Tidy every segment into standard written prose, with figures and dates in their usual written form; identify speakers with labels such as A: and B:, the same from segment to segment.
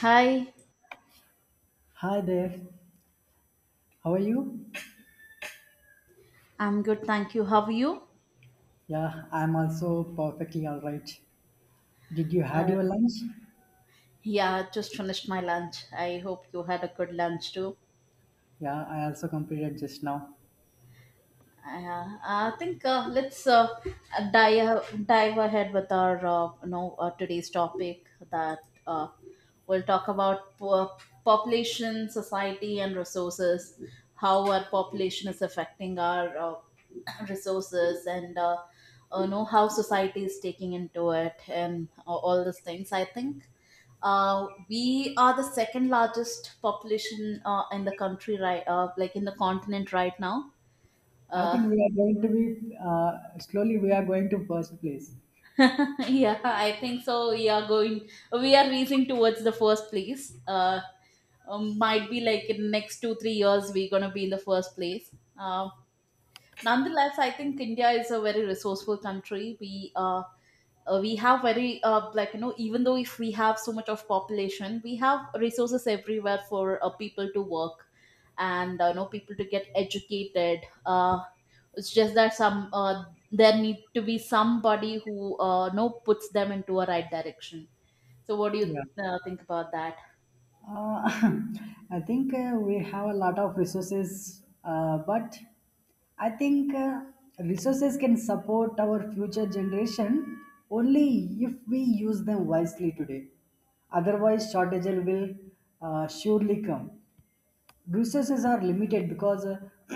A: Hi,
B: Hi there. How are you?
A: I'm good, thank you. How are you?
B: Yeah, I'm also perfectly all right. Did you had
A: Uh,
B: your lunch?
A: yeah, just finished my lunch. I hope you had a good lunch too.
B: Yeah, I also completed just now.
A: I think, let's, dive ahead with our today's topic, that uh, we'll talk about population, society, and resources. How our population is affecting our resources and, know how society is taking into it, and all these things. I think we are the second largest population, in the country, right, like, in the continent right now.
B: I
A: uh,
B: think we are going to be slowly we are going to first place.
A: yeah, I think so, we are going, we are reaching towards the first place. Might be like in next 2 3 years we're gonna be in the first place. uh, Nonetheless, I think India is a very resourceful country. We have very, like, even though if we have so much of population, we have resources everywhere for people to work, and people to get educated. uh, it's just that some, there need to be somebody who, puts them into a right direction. So what do
B: Yeah.
A: you think about that?
B: Uh, I think we have a lot of resources, but I think resources can support our future generation only if we use them wisely today. Otherwise, shortage will surely come. Resources are limited because,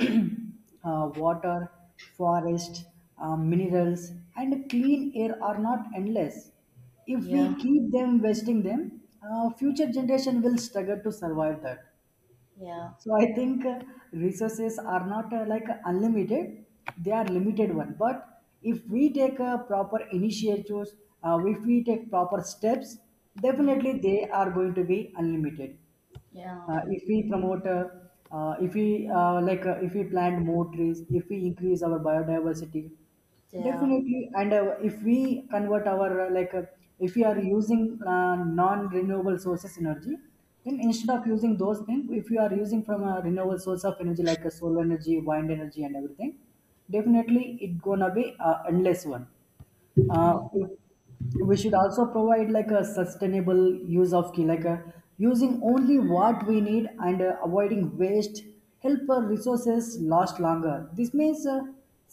B: water, forest, minerals, and clean air are not endless. If
A: Yeah,
B: we keep them wasting them, future generation will struggle to survive that.
A: yeah,
B: So I think resources are not like unlimited; they are limited one. But if we take proper initiatives, if we take proper steps,
A: yeah,
B: definitely they are going to be unlimited,
A: yeah, yeah,
B: if we promote, if we, like, if we plant more trees, if we increase our biodiversity,
A: yeah.
B: definitely. And if we convert our, like, if we are using non renewable sources energy, then instead of using those things, if you are using from a renewable source of energy like a solar energy, wind energy, and everything, definitely it gonna be endless one. uh,
A: Mhm.
B: we should also provide like a sustainable use of key, like using only what we need and avoiding waste, help our resources last longer. This means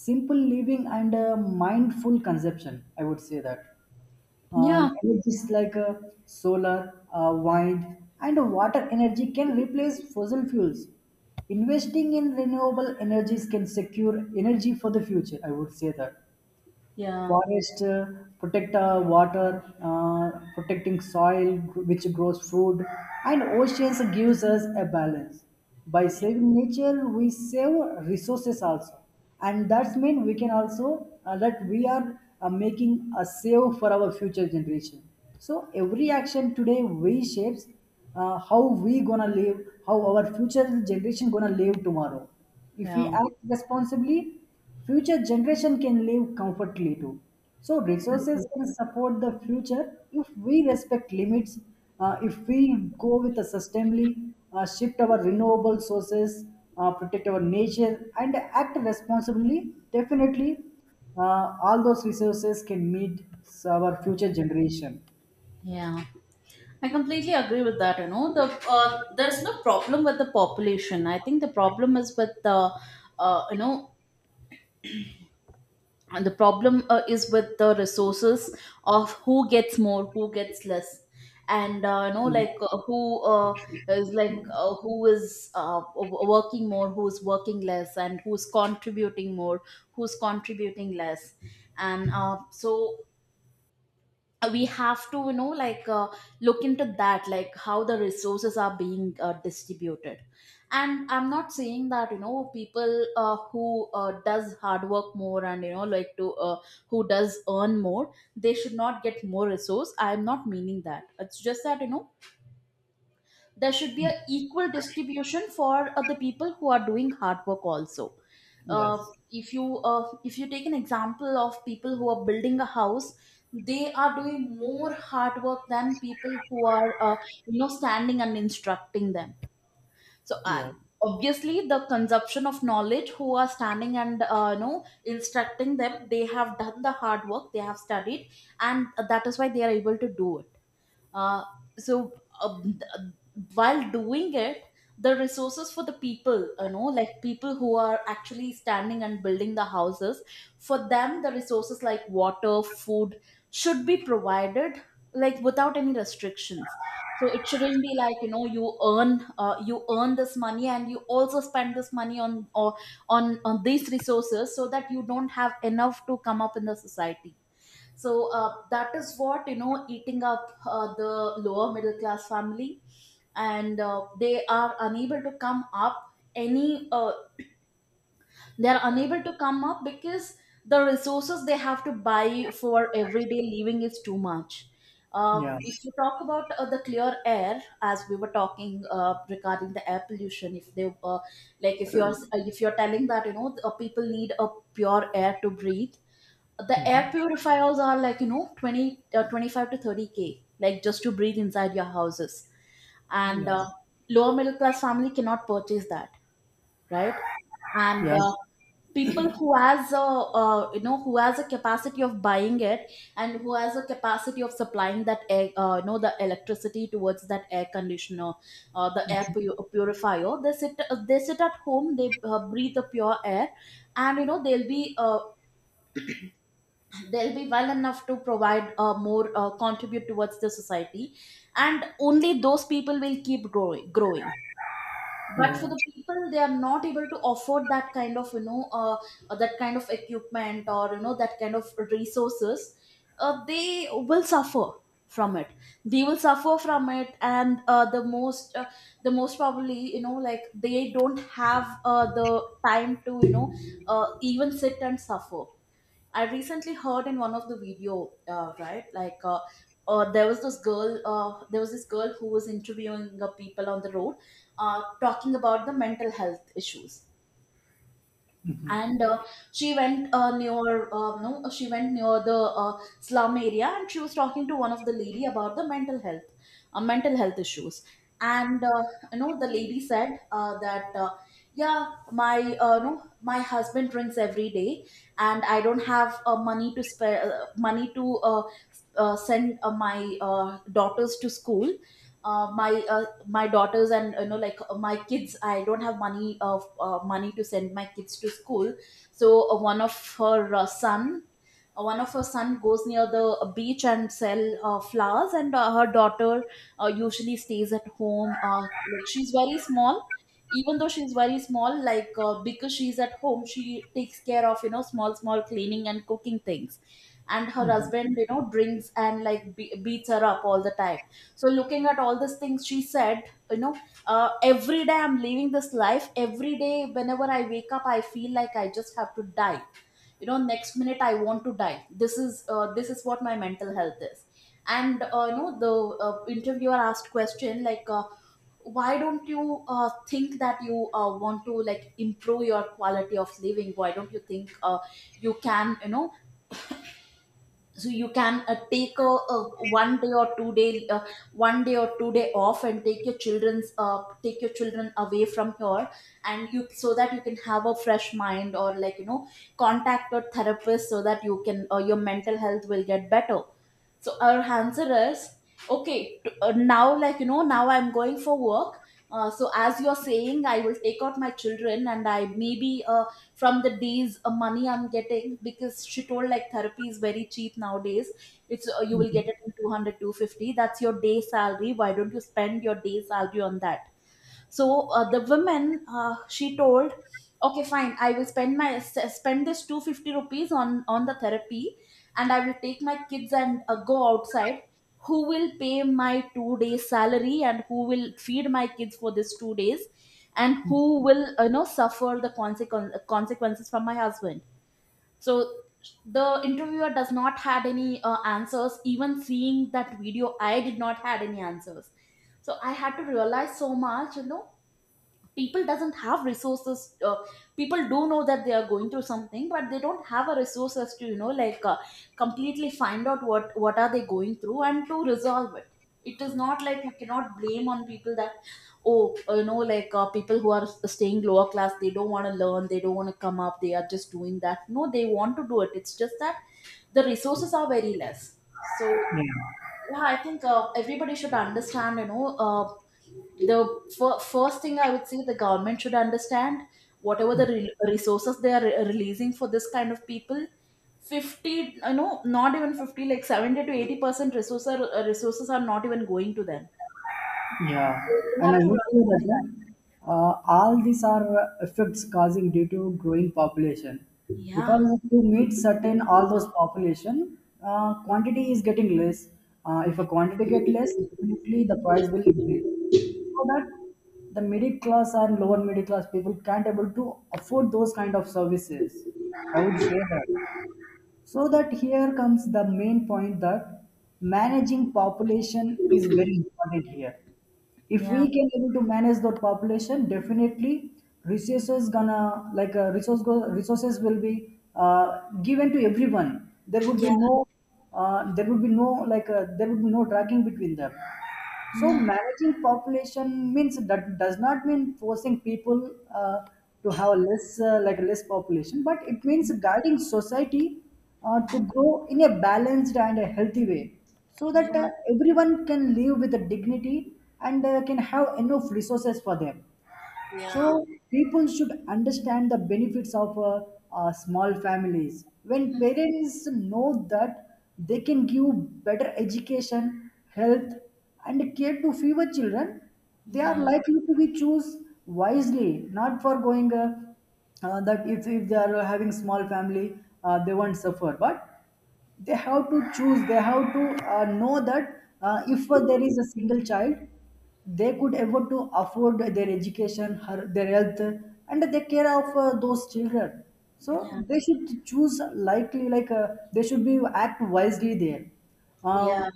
B: simple living and mindful consumption, I would say that.
A: Yeah,
B: Energies like solar, wind and water energy can replace fossil fuels. Investing in renewable energies can secure energy for the future, I would say that.
A: yeah,
B: Forest protect water, protecting soil which grows food, and oceans gives us a balance. By saving nature, we save resources also, and that's mean we can also, that we are making a save for our future generation. So every action today we shapes how we gonna live, how our future generation gonna live tomorrow. If we
A: yeah,
B: act responsibly, future generation can live comfortably too. So resources can support the future if we respect limits, if we go with a sustainably, shift our renewable sources, protect our nature and act responsibly, definitely all those resources can meet our future generation.
A: yeah. I completely agree with that. You know, there's no problem with the population. I think the problem is with the, uh, you know, the problem is with the resources, of who gets more, who gets less, and, like, who, is like, who is, working more, who is working less, and who's contributing more, who's contributing less. And so, we have to, look into that, like, how the resources are being distributed. And I'm not saying that, people, who does hard work more, and, like, to, who does earn more, they should not get more resource. I'm not meaning that. It's just that, there should be an equal distribution for the people who are doing hard work also. uh,
B: Yes.
A: if you, if you take an example of people who are building a house, they are doing more hard work than people who are, standing and instructing them. So,
B: Yes.
A: obviously, the consumption of knowledge, who are standing and, instructing them, they have done the hard work, they have studied, and that is why they are able to do it. Uh, so uh, while doing it, the resources for the people, like, people who are actually standing and building the houses, for them, the resources like water, food, should be provided, like, without any restrictions. So it shouldn't be like, you earn this money and you also spend this money on, or on these resources, so that you don't have enough to come up in the society. So, that is what, eating up the lower middle class family, and they are unable to come up, any, they are unable to come up, because the resources they have to buy for everyday living is too much.
B: Yeah.
A: If you talk about the clear air, as we were talking regarding the air pollution, if they, like, if you're telling that, people need a pure air to breathe, the air purifiers are, like, 20, 25 to 30K, like, just to breathe inside your houses. And
B: Yeah.
A: lower middle class family cannot purchase that, right? And
B: Yeah.
A: people who has a, who has a capacity of buying it, and who has a capacity of supplying that air, the electricity towards that air conditioner, the purifier, they sit at home, they breathe the pure air, and, they'll be well enough to provide, more, contribute towards the society, and only those people will keep growing. But for
B: Yeah.
A: the people, they are not able to afford that kind of, that kind of equipment, or, that kind of resources, they will suffer from it. They will suffer from it. And the most probably, like, they don't have the time to, even sit and suffer. I recently heard in one of the video, right? Like, there was this girl. There was this girl who was interviewing the people on the road, talking about the mental health issues. And she went near no, she went near the slum area, and she was talking to one of the lady about the mental health, mental health issues. And, the lady said, that yeah, my no, my husband drinks every day, and I don't have money to spare, money to, send my daughters to school, uh, my uh, my daughters, and, my kids, I don't have money of, money to send my kids to school. So, one of her son goes near the beach and sell flowers, and her daughter usually stays at home, like, she's very small. Even though she's very small, like, because she's at home, she takes care of, small small cleaning and cooking things. And her husband, drinks, and, like, beats her up all the time. So looking at all these things, she said, you know every day I'm living this life, every day whenever I wake up, I feel like I just have to die. Next minute I want to die. This is what my mental health is. And the interviewer asked question, like, why don't you think that you, want to, like, improve your quality of living? Why don't you think, you can, so you can, take a one day or two day, one day or two-day off, and take your children's take your children away from here, and you, so that you can have a fresh mind, or, like, contact a therapist, so that you can, your mental health will get better. So our answer is, okay. Now, like, now I'm going for work. So as you're saying, I will take out my children, and I maybe from the days money I'm getting, because she told, like, therapy is very cheap nowadays. It's you will get it in two hundred two fifty. That's your day salary. Why don't you spend your day salary on that? So, the woman, she told, okay, fine, I will spend my, spend this 250 rupees on the therapy, and I will take my kids and, go outside. Who will pay my 2 days salary, and who will feed my kids for this 2 days, and who will, suffer the consequences from my husband? So the interviewer does not had any answers. Even seeing that video, I did not had any answers. So I had to realize so much. You know, people doesn't have resources. uh, People do know that they are going through something, but they don't have a resources to, like, completely find out what are they going through, and to resolve it. It is not like you cannot blame on people that, oh, like, people who are staying lower class, they don't want to learn, they don't want to come up, they are just doing that. No, they want to do it. It's just that the resources are very less. So,
B: Yeah.
A: yeah, I think everybody should understand, the first thing I would say, the government should understand, whatever the resources they are releasing for this kind of people, 50, you know, not even 50, like 70 to 80% resources are not even going to them.
B: Yeah,
A: So they
B: and I
A: have to
B: would say
A: realize that.
B: that all these are effects causing due to growing population, because
A: Yeah,
B: to meet certain all those population, quantity is getting less. If a quantity get less, definitely the price will increase. So that the middle class and lower middle class people can't able to afford those kind of services, I would say that. So that here comes the main point that managing population is very important here. If we
A: yeah,
B: can able to manage the population, definitely resources gonna like, resource go, resources will be given to everyone. There would
A: yeah,
B: be no, there would be no like, there would be no dragging between them. So
A: yeah,
B: managing population means that does not mean forcing people to have a less, like less population, but it means guiding society to grow in a balanced and a healthy way, so that
A: yeah,
B: everyone can live with a dignity and can have enough resources for them.
A: yeah,
B: So people should understand the benefits of small families. When parents know that they can give better education, health, and care to fewer children, they are
A: yeah,
B: likely to be choose wisely, not for going, that if they are having small family, they won't suffer. But they have to choose, they have to know that if there is a single child, they could able to afford their education her, their health and they care of those children. So
A: yeah,
B: they should choose likely like, they should be act wisely there. uh,
A: yeah,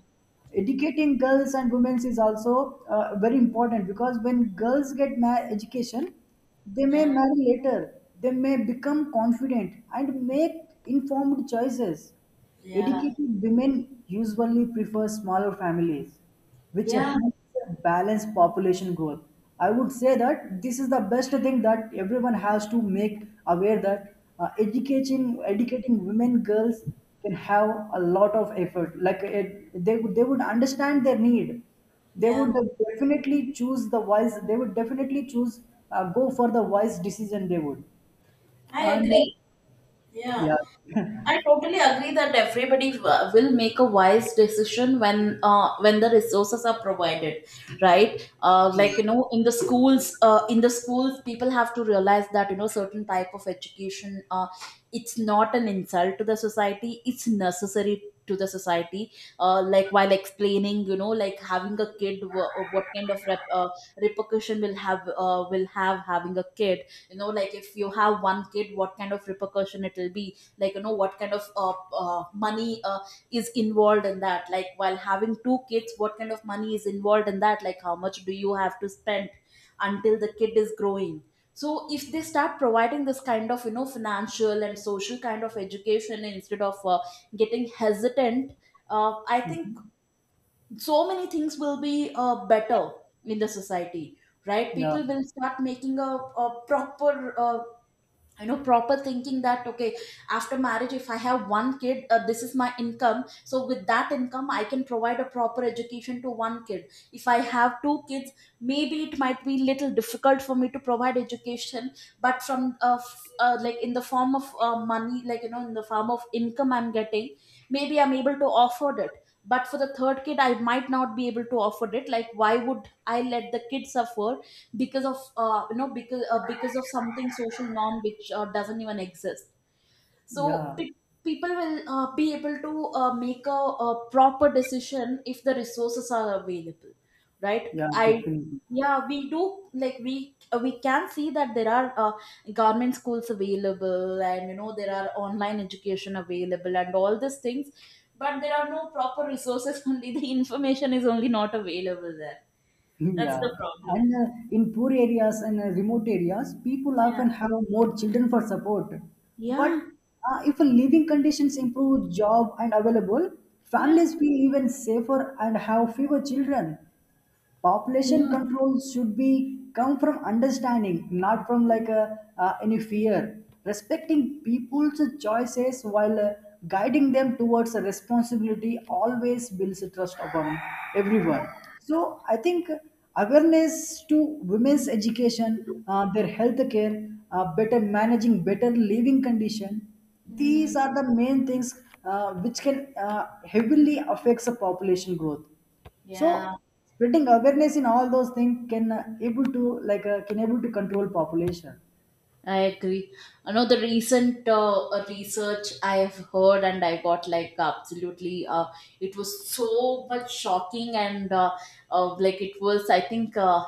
B: Educating girls and women is also very important, because when girls get education, they may
A: yeah,
B: marry later, they may become confident and make informed choices.
A: yeah,
B: Educated women usually prefer smaller families, which
A: yeah,
B: helps balance population growth. I would say that this is the best thing that everyone has to make aware, that educating women girls can have a lot of effort. Like it, they they would understand their need. They would
A: yeah.
B: definitely choose the wise. They would definitely choose go for the wise decision. They would,
A: I
B: and
A: agree. Yeah.
B: yeah,
A: I totally agree that everybody will make a wise decision when, when the resources are provided, right? Like,
B: yeah,
A: in the schools, people have to realize that, certain type of education, it's not an insult to the society; it's necessary to the society. Like while explaining, you know, like having a kid, what kind of repercussion will have, having a kid. You know, like if you have one kid, what kind of repercussion it will be, like you know, what kind of money is involved in that, like while having two kids, what kind of money is involved in that, like how much do you have to spend until the kid is growing. So if they start providing this kind of, you know, financial and social kind of education instead of getting hesitant, I think so many things will be better in the society, right?
B: yeah.
A: People will start making a proper, you know, proper thinking that okay, after marriage if I have one kid, this is my income. So with that income I can provide a proper education to one kid. If I have two kids, maybe it might be little difficult for me to provide education, but from like in the form of money, like you know, in the form of income I'm getting, maybe I'm able to afford it. But for the third kid I might not be able to afford it. Like, why would I let the kid suffer because of, you know, because of something social norm which doesn't even exist. So
B: Yeah.
A: people will be able to make a proper decision if the resources are available, right?
B: Yeah,
A: I...
B: definitely.
A: Yeah, we do. Like we can see that there are government schools available, and you know, there are online education available and all these things, but there are no proper resources. Only the information is only not available there. That's
B: Yeah.
A: the problem.
B: And in poor areas and remote areas, people
A: Yeah,
B: often have more children for support. But
A: yeah.
B: if living conditions improve, job and available,
A: Yeah,
B: families feel even safer and have fewer children. Population
A: yeah,
B: control should be come from understanding, not from like any fear, respecting people's choices while guiding them towards a responsibility, always builds a trust upon everyone. So I think awareness to women's education, their health care, better managing, better living condition, these
A: mm,
B: are the main things which can heavily affects the population growth. So
A: yeah.
B: spreading awareness in all those things can able to, like, can able to control population.
A: I agree. Another recent research I have heard, and I got like absolutely. It was so much shocking, and like it was, I think,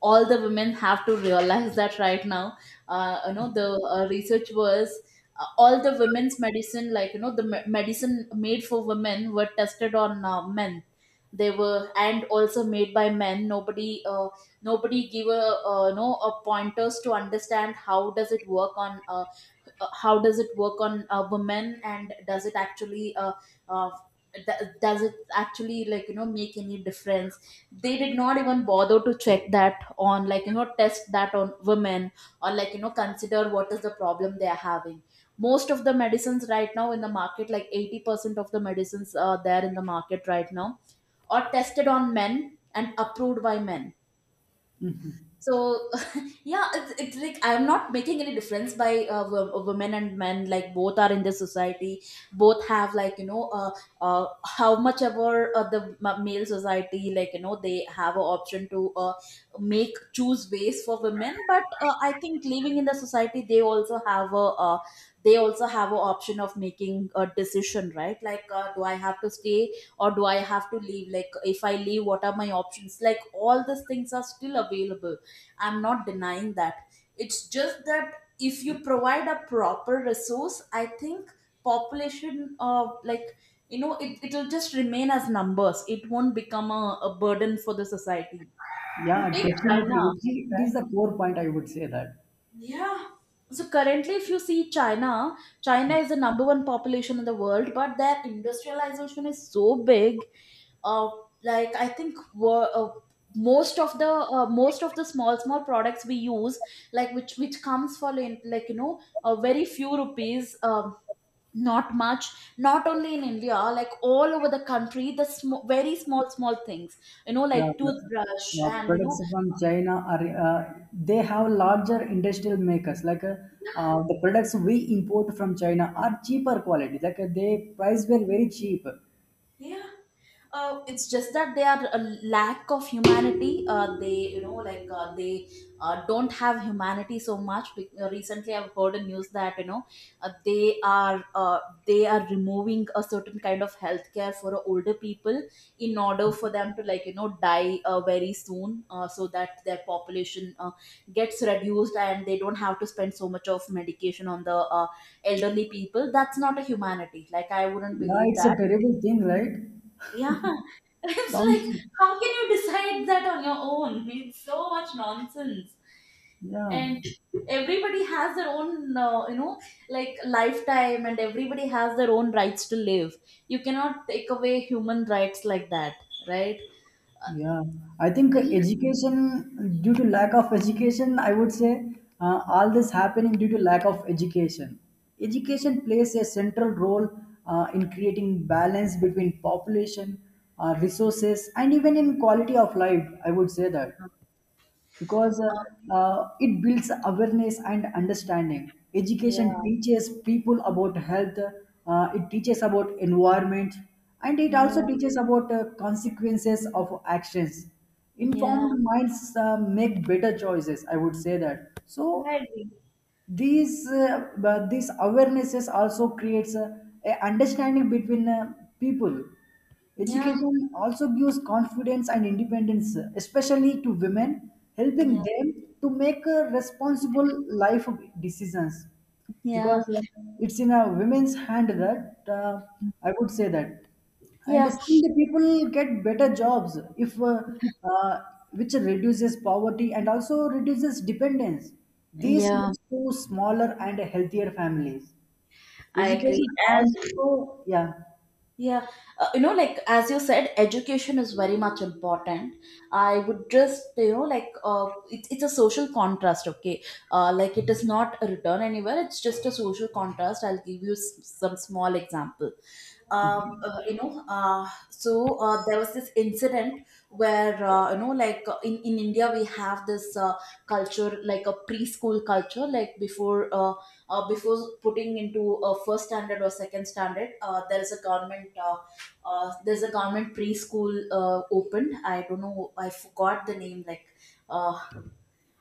A: all the women have to realize that right now. You know, the research was... all the women's medicine, like you know, the medicine made for women were tested on men. They were, and also made by men. Nobody give a no, a pointers to understand how does it work on women, and does it actually, uh, does it actually, like you know, make any difference? They did not even bother to check that on, like you know, test that on women, or like you know, consider what is the problem they are having. Most of the medicines right now in the market, like 80% of the medicines are there in the market right now, are tested on men and approved by men. So yeah, it's like I'm not making any difference by women and men, like both are in the society. Both have, like you know, how much ever the male society, like you know, they have an option to make choose ways for women, but I think living in the society they also have an option of making a decision, right? Like, do I have to stay, or do I have to leave? Like if I leave, what are my options? Like all these things are still available. I'm not denying that. It's just that if you provide a proper resource, I think population, like, you know, it'll just remain as numbers. It won't become a burden for the society.
B: Yeah,
A: You take China,
B: definitely it it
A: right?
B: is the core point, I would say that.
A: Yeah. So currently, if you see China, China is the number one population in the world, but their industrialization is so big. Uh, like I think were, most of the small small products we use, like which comes for like you know, a very few rupees. Not much, not only in India, like all over the country, the very small small things, you know,
B: Yeah,
A: like
B: that's,
A: toothbrush
B: yeah,
A: and you know...
B: products from China are, they have larger industrial makers like, the products we import from China are cheaper quality, like they price were very cheap.
A: Yeah. It's just that they are a lack of humanity. They, you know, like they don't have humanity so much. Recently, I've heard a news that you know, uh, they are uh, they are removing a certain kind of healthcare for older people in order for them to, like you know, die very soon, so that their population gets reduced and they don't have to spend so much of medication on the elderly people. That's not a humanity. Like I wouldn't
B: Yeah,
A: believe
B: it's a
A: that.
B: terrible thing, right?
A: Yeah. It's
B: Sounds,
A: like, how can you decide that on your own? It's so much nonsense.
B: yeah.
A: And everybody has their own, you know, like lifetime, and everybody has their own rights to live. You cannot take away human rights like that, right?
B: Yeah, I think education, due to lack of education, I would say all this happening due to lack of education. Education plays a central role in creating balance between population, resources, and even in quality of life, I would say that, because
A: Uh,
B: it builds awareness and understanding.
A: yeah,
B: Education teaches people about health, it teaches about environment, and it also
A: yeah,
B: teaches about consequences of actions.
A: yeah.
B: Informed minds make better choices, I would say that. So,
A: I agree.
B: these but these awarenesses also creates a understanding between people.
A: Yeah,
B: Education also gives confidence and independence, especially to women, helping
A: yeah,
B: them to make responsible life decisions, because
A: yeah,
B: it's in a women's hand that, I would say that, and
A: yeah,
B: still the people get better jobs if, uh, which reduces poverty and also reduces dependence. This
A: yeah.
B: leads to smaller and healthier families.
A: I agree.
B: Education
A: And...
B: also, yeah,
A: Yeah, you know, like as you said, education is very much important. I would just, you know, like, it's a social contrast, okay? Like it is not a return anywhere, it's just a social contrast. I'll give you some small example. You know, so there was this incident where, you know, like, in India we have this culture, like a preschool culture, like before putting into a first standard or second standard, there is a government there's a government preschool opened. I don't know, I forgot the name, like uh.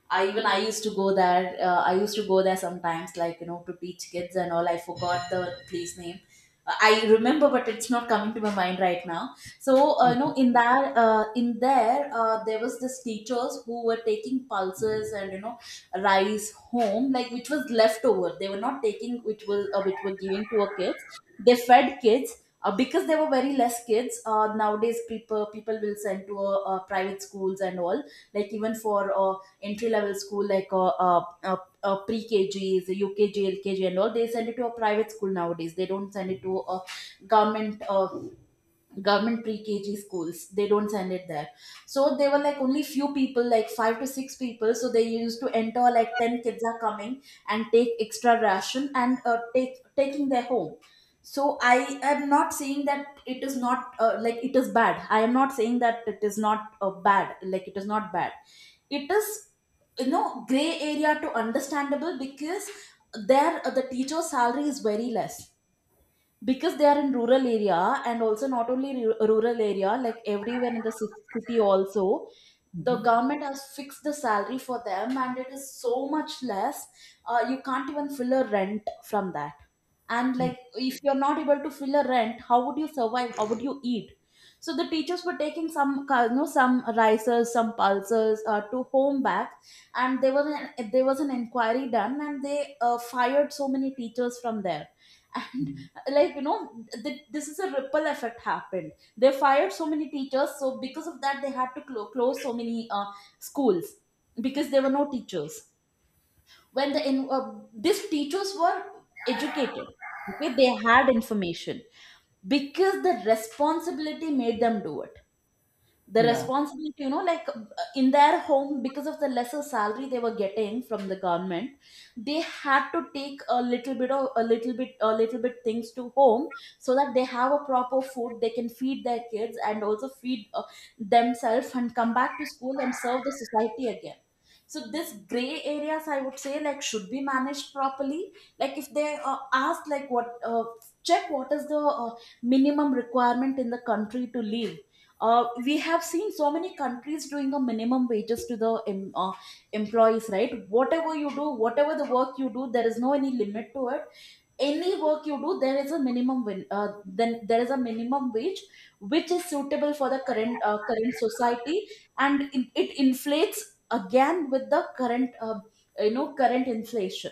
A: I even I used to go there. I used to go there sometimes, like you know, to teach kids and all. I forgot the place name. I remember, but it's not coming to my mind right now. So, you know, in that in there, there was this teachers who were taking pulses and, you know, rice home, like which was left over. They were not taking, which was, which were giving to a kids. They fed kids. Because there were very less kids, nowadays people will send to private schools and all, like even for entry level school, like pre-kgs, ukg, lkg and all they send it to a private school nowadays. They don't send it to a government uh, government pre-kg schools. They don't send it there. So they were like only few people, like five to six people, so they used to enter like 10 kids are coming, and take extra ration and take taking their home. So I am not saying that it is not, like it is bad. I am not saying that it is not, bad, like it is not bad. It is, you know, gray area to understandable, because the teacher's salary is very less, because they are in rural area, and also not only rural area, like everywhere in the city also. The government has fixed the salary for them and it is so much less. You can't even fill a rent from that. And like if you're not able to fill a rent, how would you survive? How would you eat? So the teachers were taking some you know, some risers, some pulses to home back. And there was an inquiry done, and they fired so many teachers from there. Like you know, this is a ripple effect happened. They fired so many teachers, so because of that they had to close so many schools because there were no teachers. When these teachers were educated, okay, they had information because the responsibility made them do it. The
B: yeah,
A: responsibility, you know, like, in their home, because of the lesser salary they were getting from the government, they had to take a little bit of, a little bit things to home, so that they have a proper food, they can feed their kids and also feed themselves and come back to school and serve the society again. So this gray areas, I would say, like, should be managed properly. Like if they ask, like what, check what is the minimum requirement in the country to live. We have seen so many countries doing a minimum wages to the employees, right? Whatever you do, whatever the work you do, there is no any limit to it. Any work you do, there is a minimum win, then there is a minimum wage which is suitable for the current society, and it inflates again with the current you know, current inflation.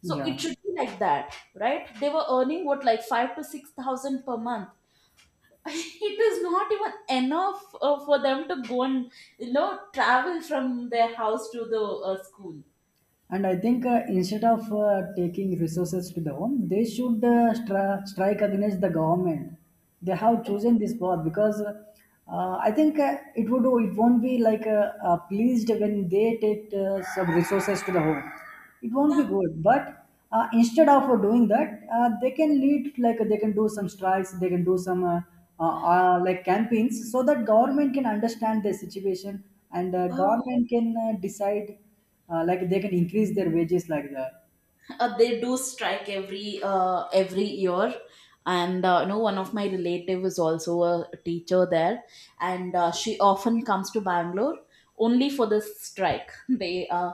A: So it
B: yeah.
A: should be like that, right? They were earning what, like 5 to 6,000 per month? It is... Not even enough for them to go and travel from their house to the school.
B: And I think instead of taking resources to the home, they should strike against the government. They have
A: Oh,
B: chosen this path because I think it won't be like pleased when they take some resources to the home. It won't be
A: yeah.
B: good. But instead of doing that, they can lead like they can do some strikes. They can do some like campaigns, so that government can understand their situation and government can decide, like they can increase their wages like that.
A: They do strike every year, and you know, one of my relative is also a teacher there, and she often comes to Bangalore only for this strike. they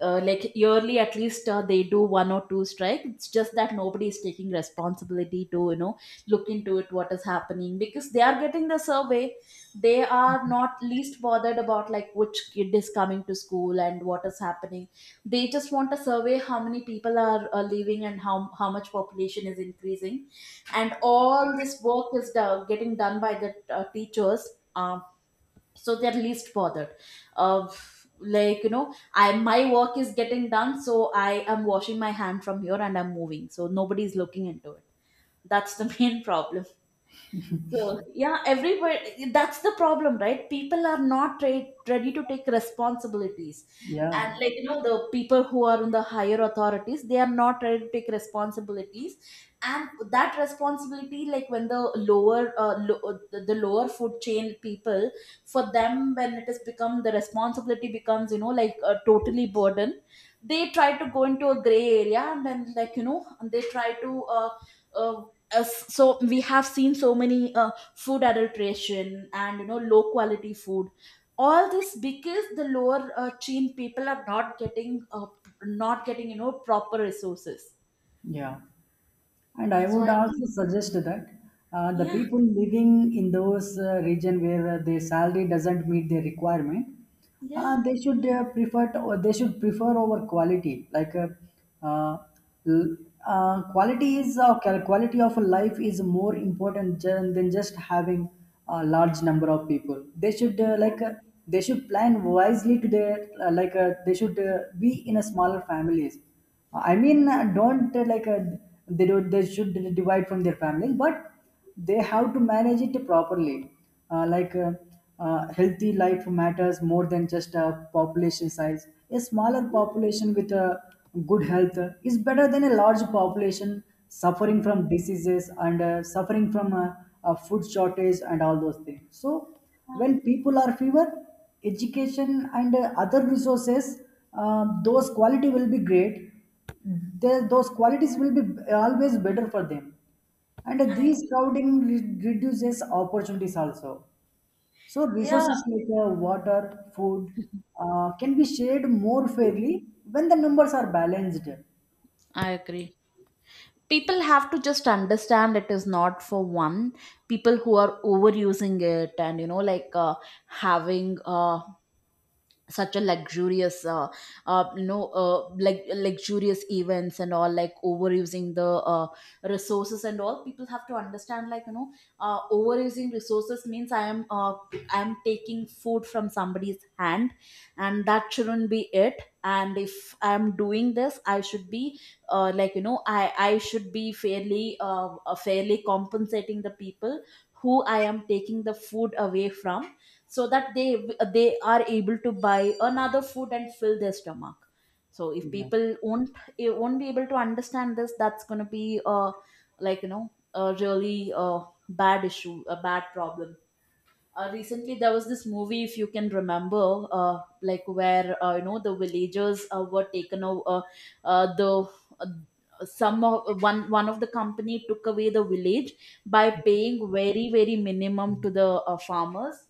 A: Like yearly at least they do one or two strike. It's just that nobody is taking responsibility to, you know, look into it, what is happening, because they are getting the survey. They are not least bothered about like which kid is coming to school and what is happening. They just want a survey, how many people are leaving and how much population is increasing. And all this work is getting done by the teachers. um, so they're least bothered. uh, like, you know, I my work is getting done, so I am washing my hand from here and I'm moving, so nobody's looking into it. That's the main problem. So yeah, everybody. That's the problem, right? People are not ready to take responsibilities,
B: Yeah,
A: and like you know, the people who are in the higher authorities, they are not ready to take responsibilities. And that responsibility, like when the lower, the lower food chain people, for them, when it has become, the responsibility becomes, you know, like a totally burden. They try to go into a gray area, and then like you know, they try to. Uh, uh, so we have seen so many food adulteration and you know low quality food, all this because the lower chain people are not getting not getting, you know, proper resources.
B: yeah. And I
A: So
B: would
A: I think
B: also suggest that the
A: yeah
B: people living in those region where their salary doesn't meet their requirement,
A: yeah
B: they should prefer to, or they should prefer over quality. Like, uh, l- quality is quality of life is more important than just having a large number of people. They should like, they should plan wisely to their, like, they should be in a smaller families. I mean, don't, like, they don't they should divide from their families, but they have to manage it properly. Like, healthy life matters more than just a population size. A smaller population with a good health is better than a large population suffering from diseases and suffering from a food shortage and all those things. So
A: yeah
B: when people are fewer, education and other resources, those quality will be great. There, those qualities will be always better for them, and
A: I
B: these crowding reduces opportunities also. So
A: Yeah,
B: resources like water, food, can be shared more fairly when the numbers are balanced.
A: I agree. People have to just understand it is not for one. People who are overusing it and, you know, like having such a luxurious luxurious events and all, like overusing the resources and all. People have to understand, like you know, overusing resources means I am taking food from somebody's hand. And that shouldn't be it. And if I am doing this, I should be like, you know, I should be fairly fairly compensating the people who I am taking the food away from, so that they are able to buy another food and fill their stomach. So if
B: Yeah.
A: people won't, it won't be able to understand this, that's going to be a really bad issue, a bad problem. Recently there was this movie, if you can remember, like where you know the villagers were taken over the uh, some of, one of the company took away the village by paying very very minimum to the farmers.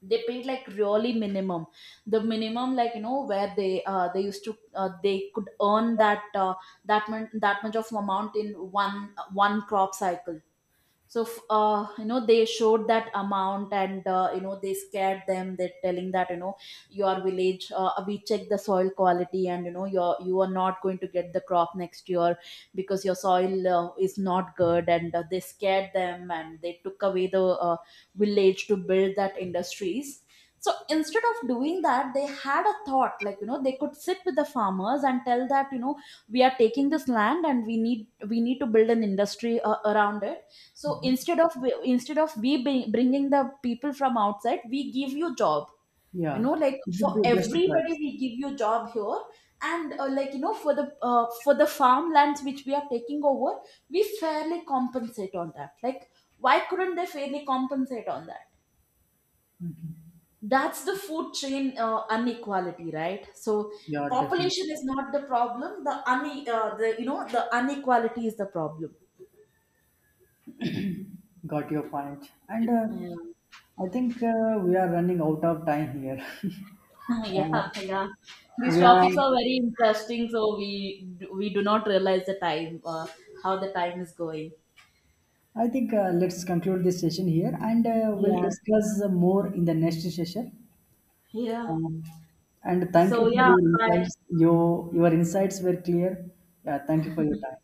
A: They paid like really minimum, the minimum, like you know, where they used to they could earn that that much of amount in one crop cycle. So you know, they showed that amount and, you know, they scared them, they're telling that, you know, your village, we check the soil quality and you know you are not going to get the crop next year because your soil is not good. And they scared them and they took away the village to build that industries. So instead of doing that, they had a thought, like you know, they could sit with the farmers and tell that, you know, we are taking this land and we need to build an industry around it. So instead of, instead of we bringing the people from outside, we give you job, you
B: Yeah,
A: know, like
B: it
A: for
B: would be a best
A: everybody,
B: choice.
A: we give you job here. And like you know, for the farmlands which we are taking over, we fairly compensate on that. Like why couldn't they fairly compensate on that? That's the food chain inequality, right? So
B: Yeah, definitely.
A: population is not the problem, the, you know, the inequality is the problem.
B: Got your point. And
A: Yeah.
B: I think we are running out of time here. uh,
A: Yeah, yeah. These
B: Yeah,
A: topics are very interesting, so we do not realize the time, how the time is going.
B: I think let's conclude this session here and we'll, yeah,
A: Yeah.
B: discuss more in the next session.
A: Yeah.
B: Um, and thank you
A: So
B: for
A: yeah,
B: your
A: bye.
B: insights. Your insights were clear. Yeah, thank you for your time.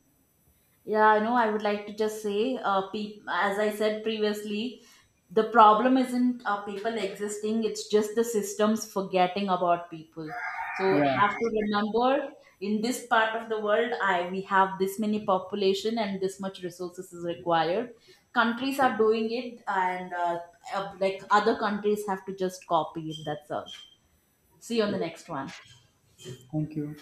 A: Yeah, I know. I would like to just say, peop as I said previously, the problem isn't people existing, it's just the systems forgetting about people. So
B: Yeah,
A: have to remember, in this part of the world, I we have this many population and this much resources is required. Countries are doing it, and like other countries have to just copy it. That's all. See you on the next one.
B: thank you.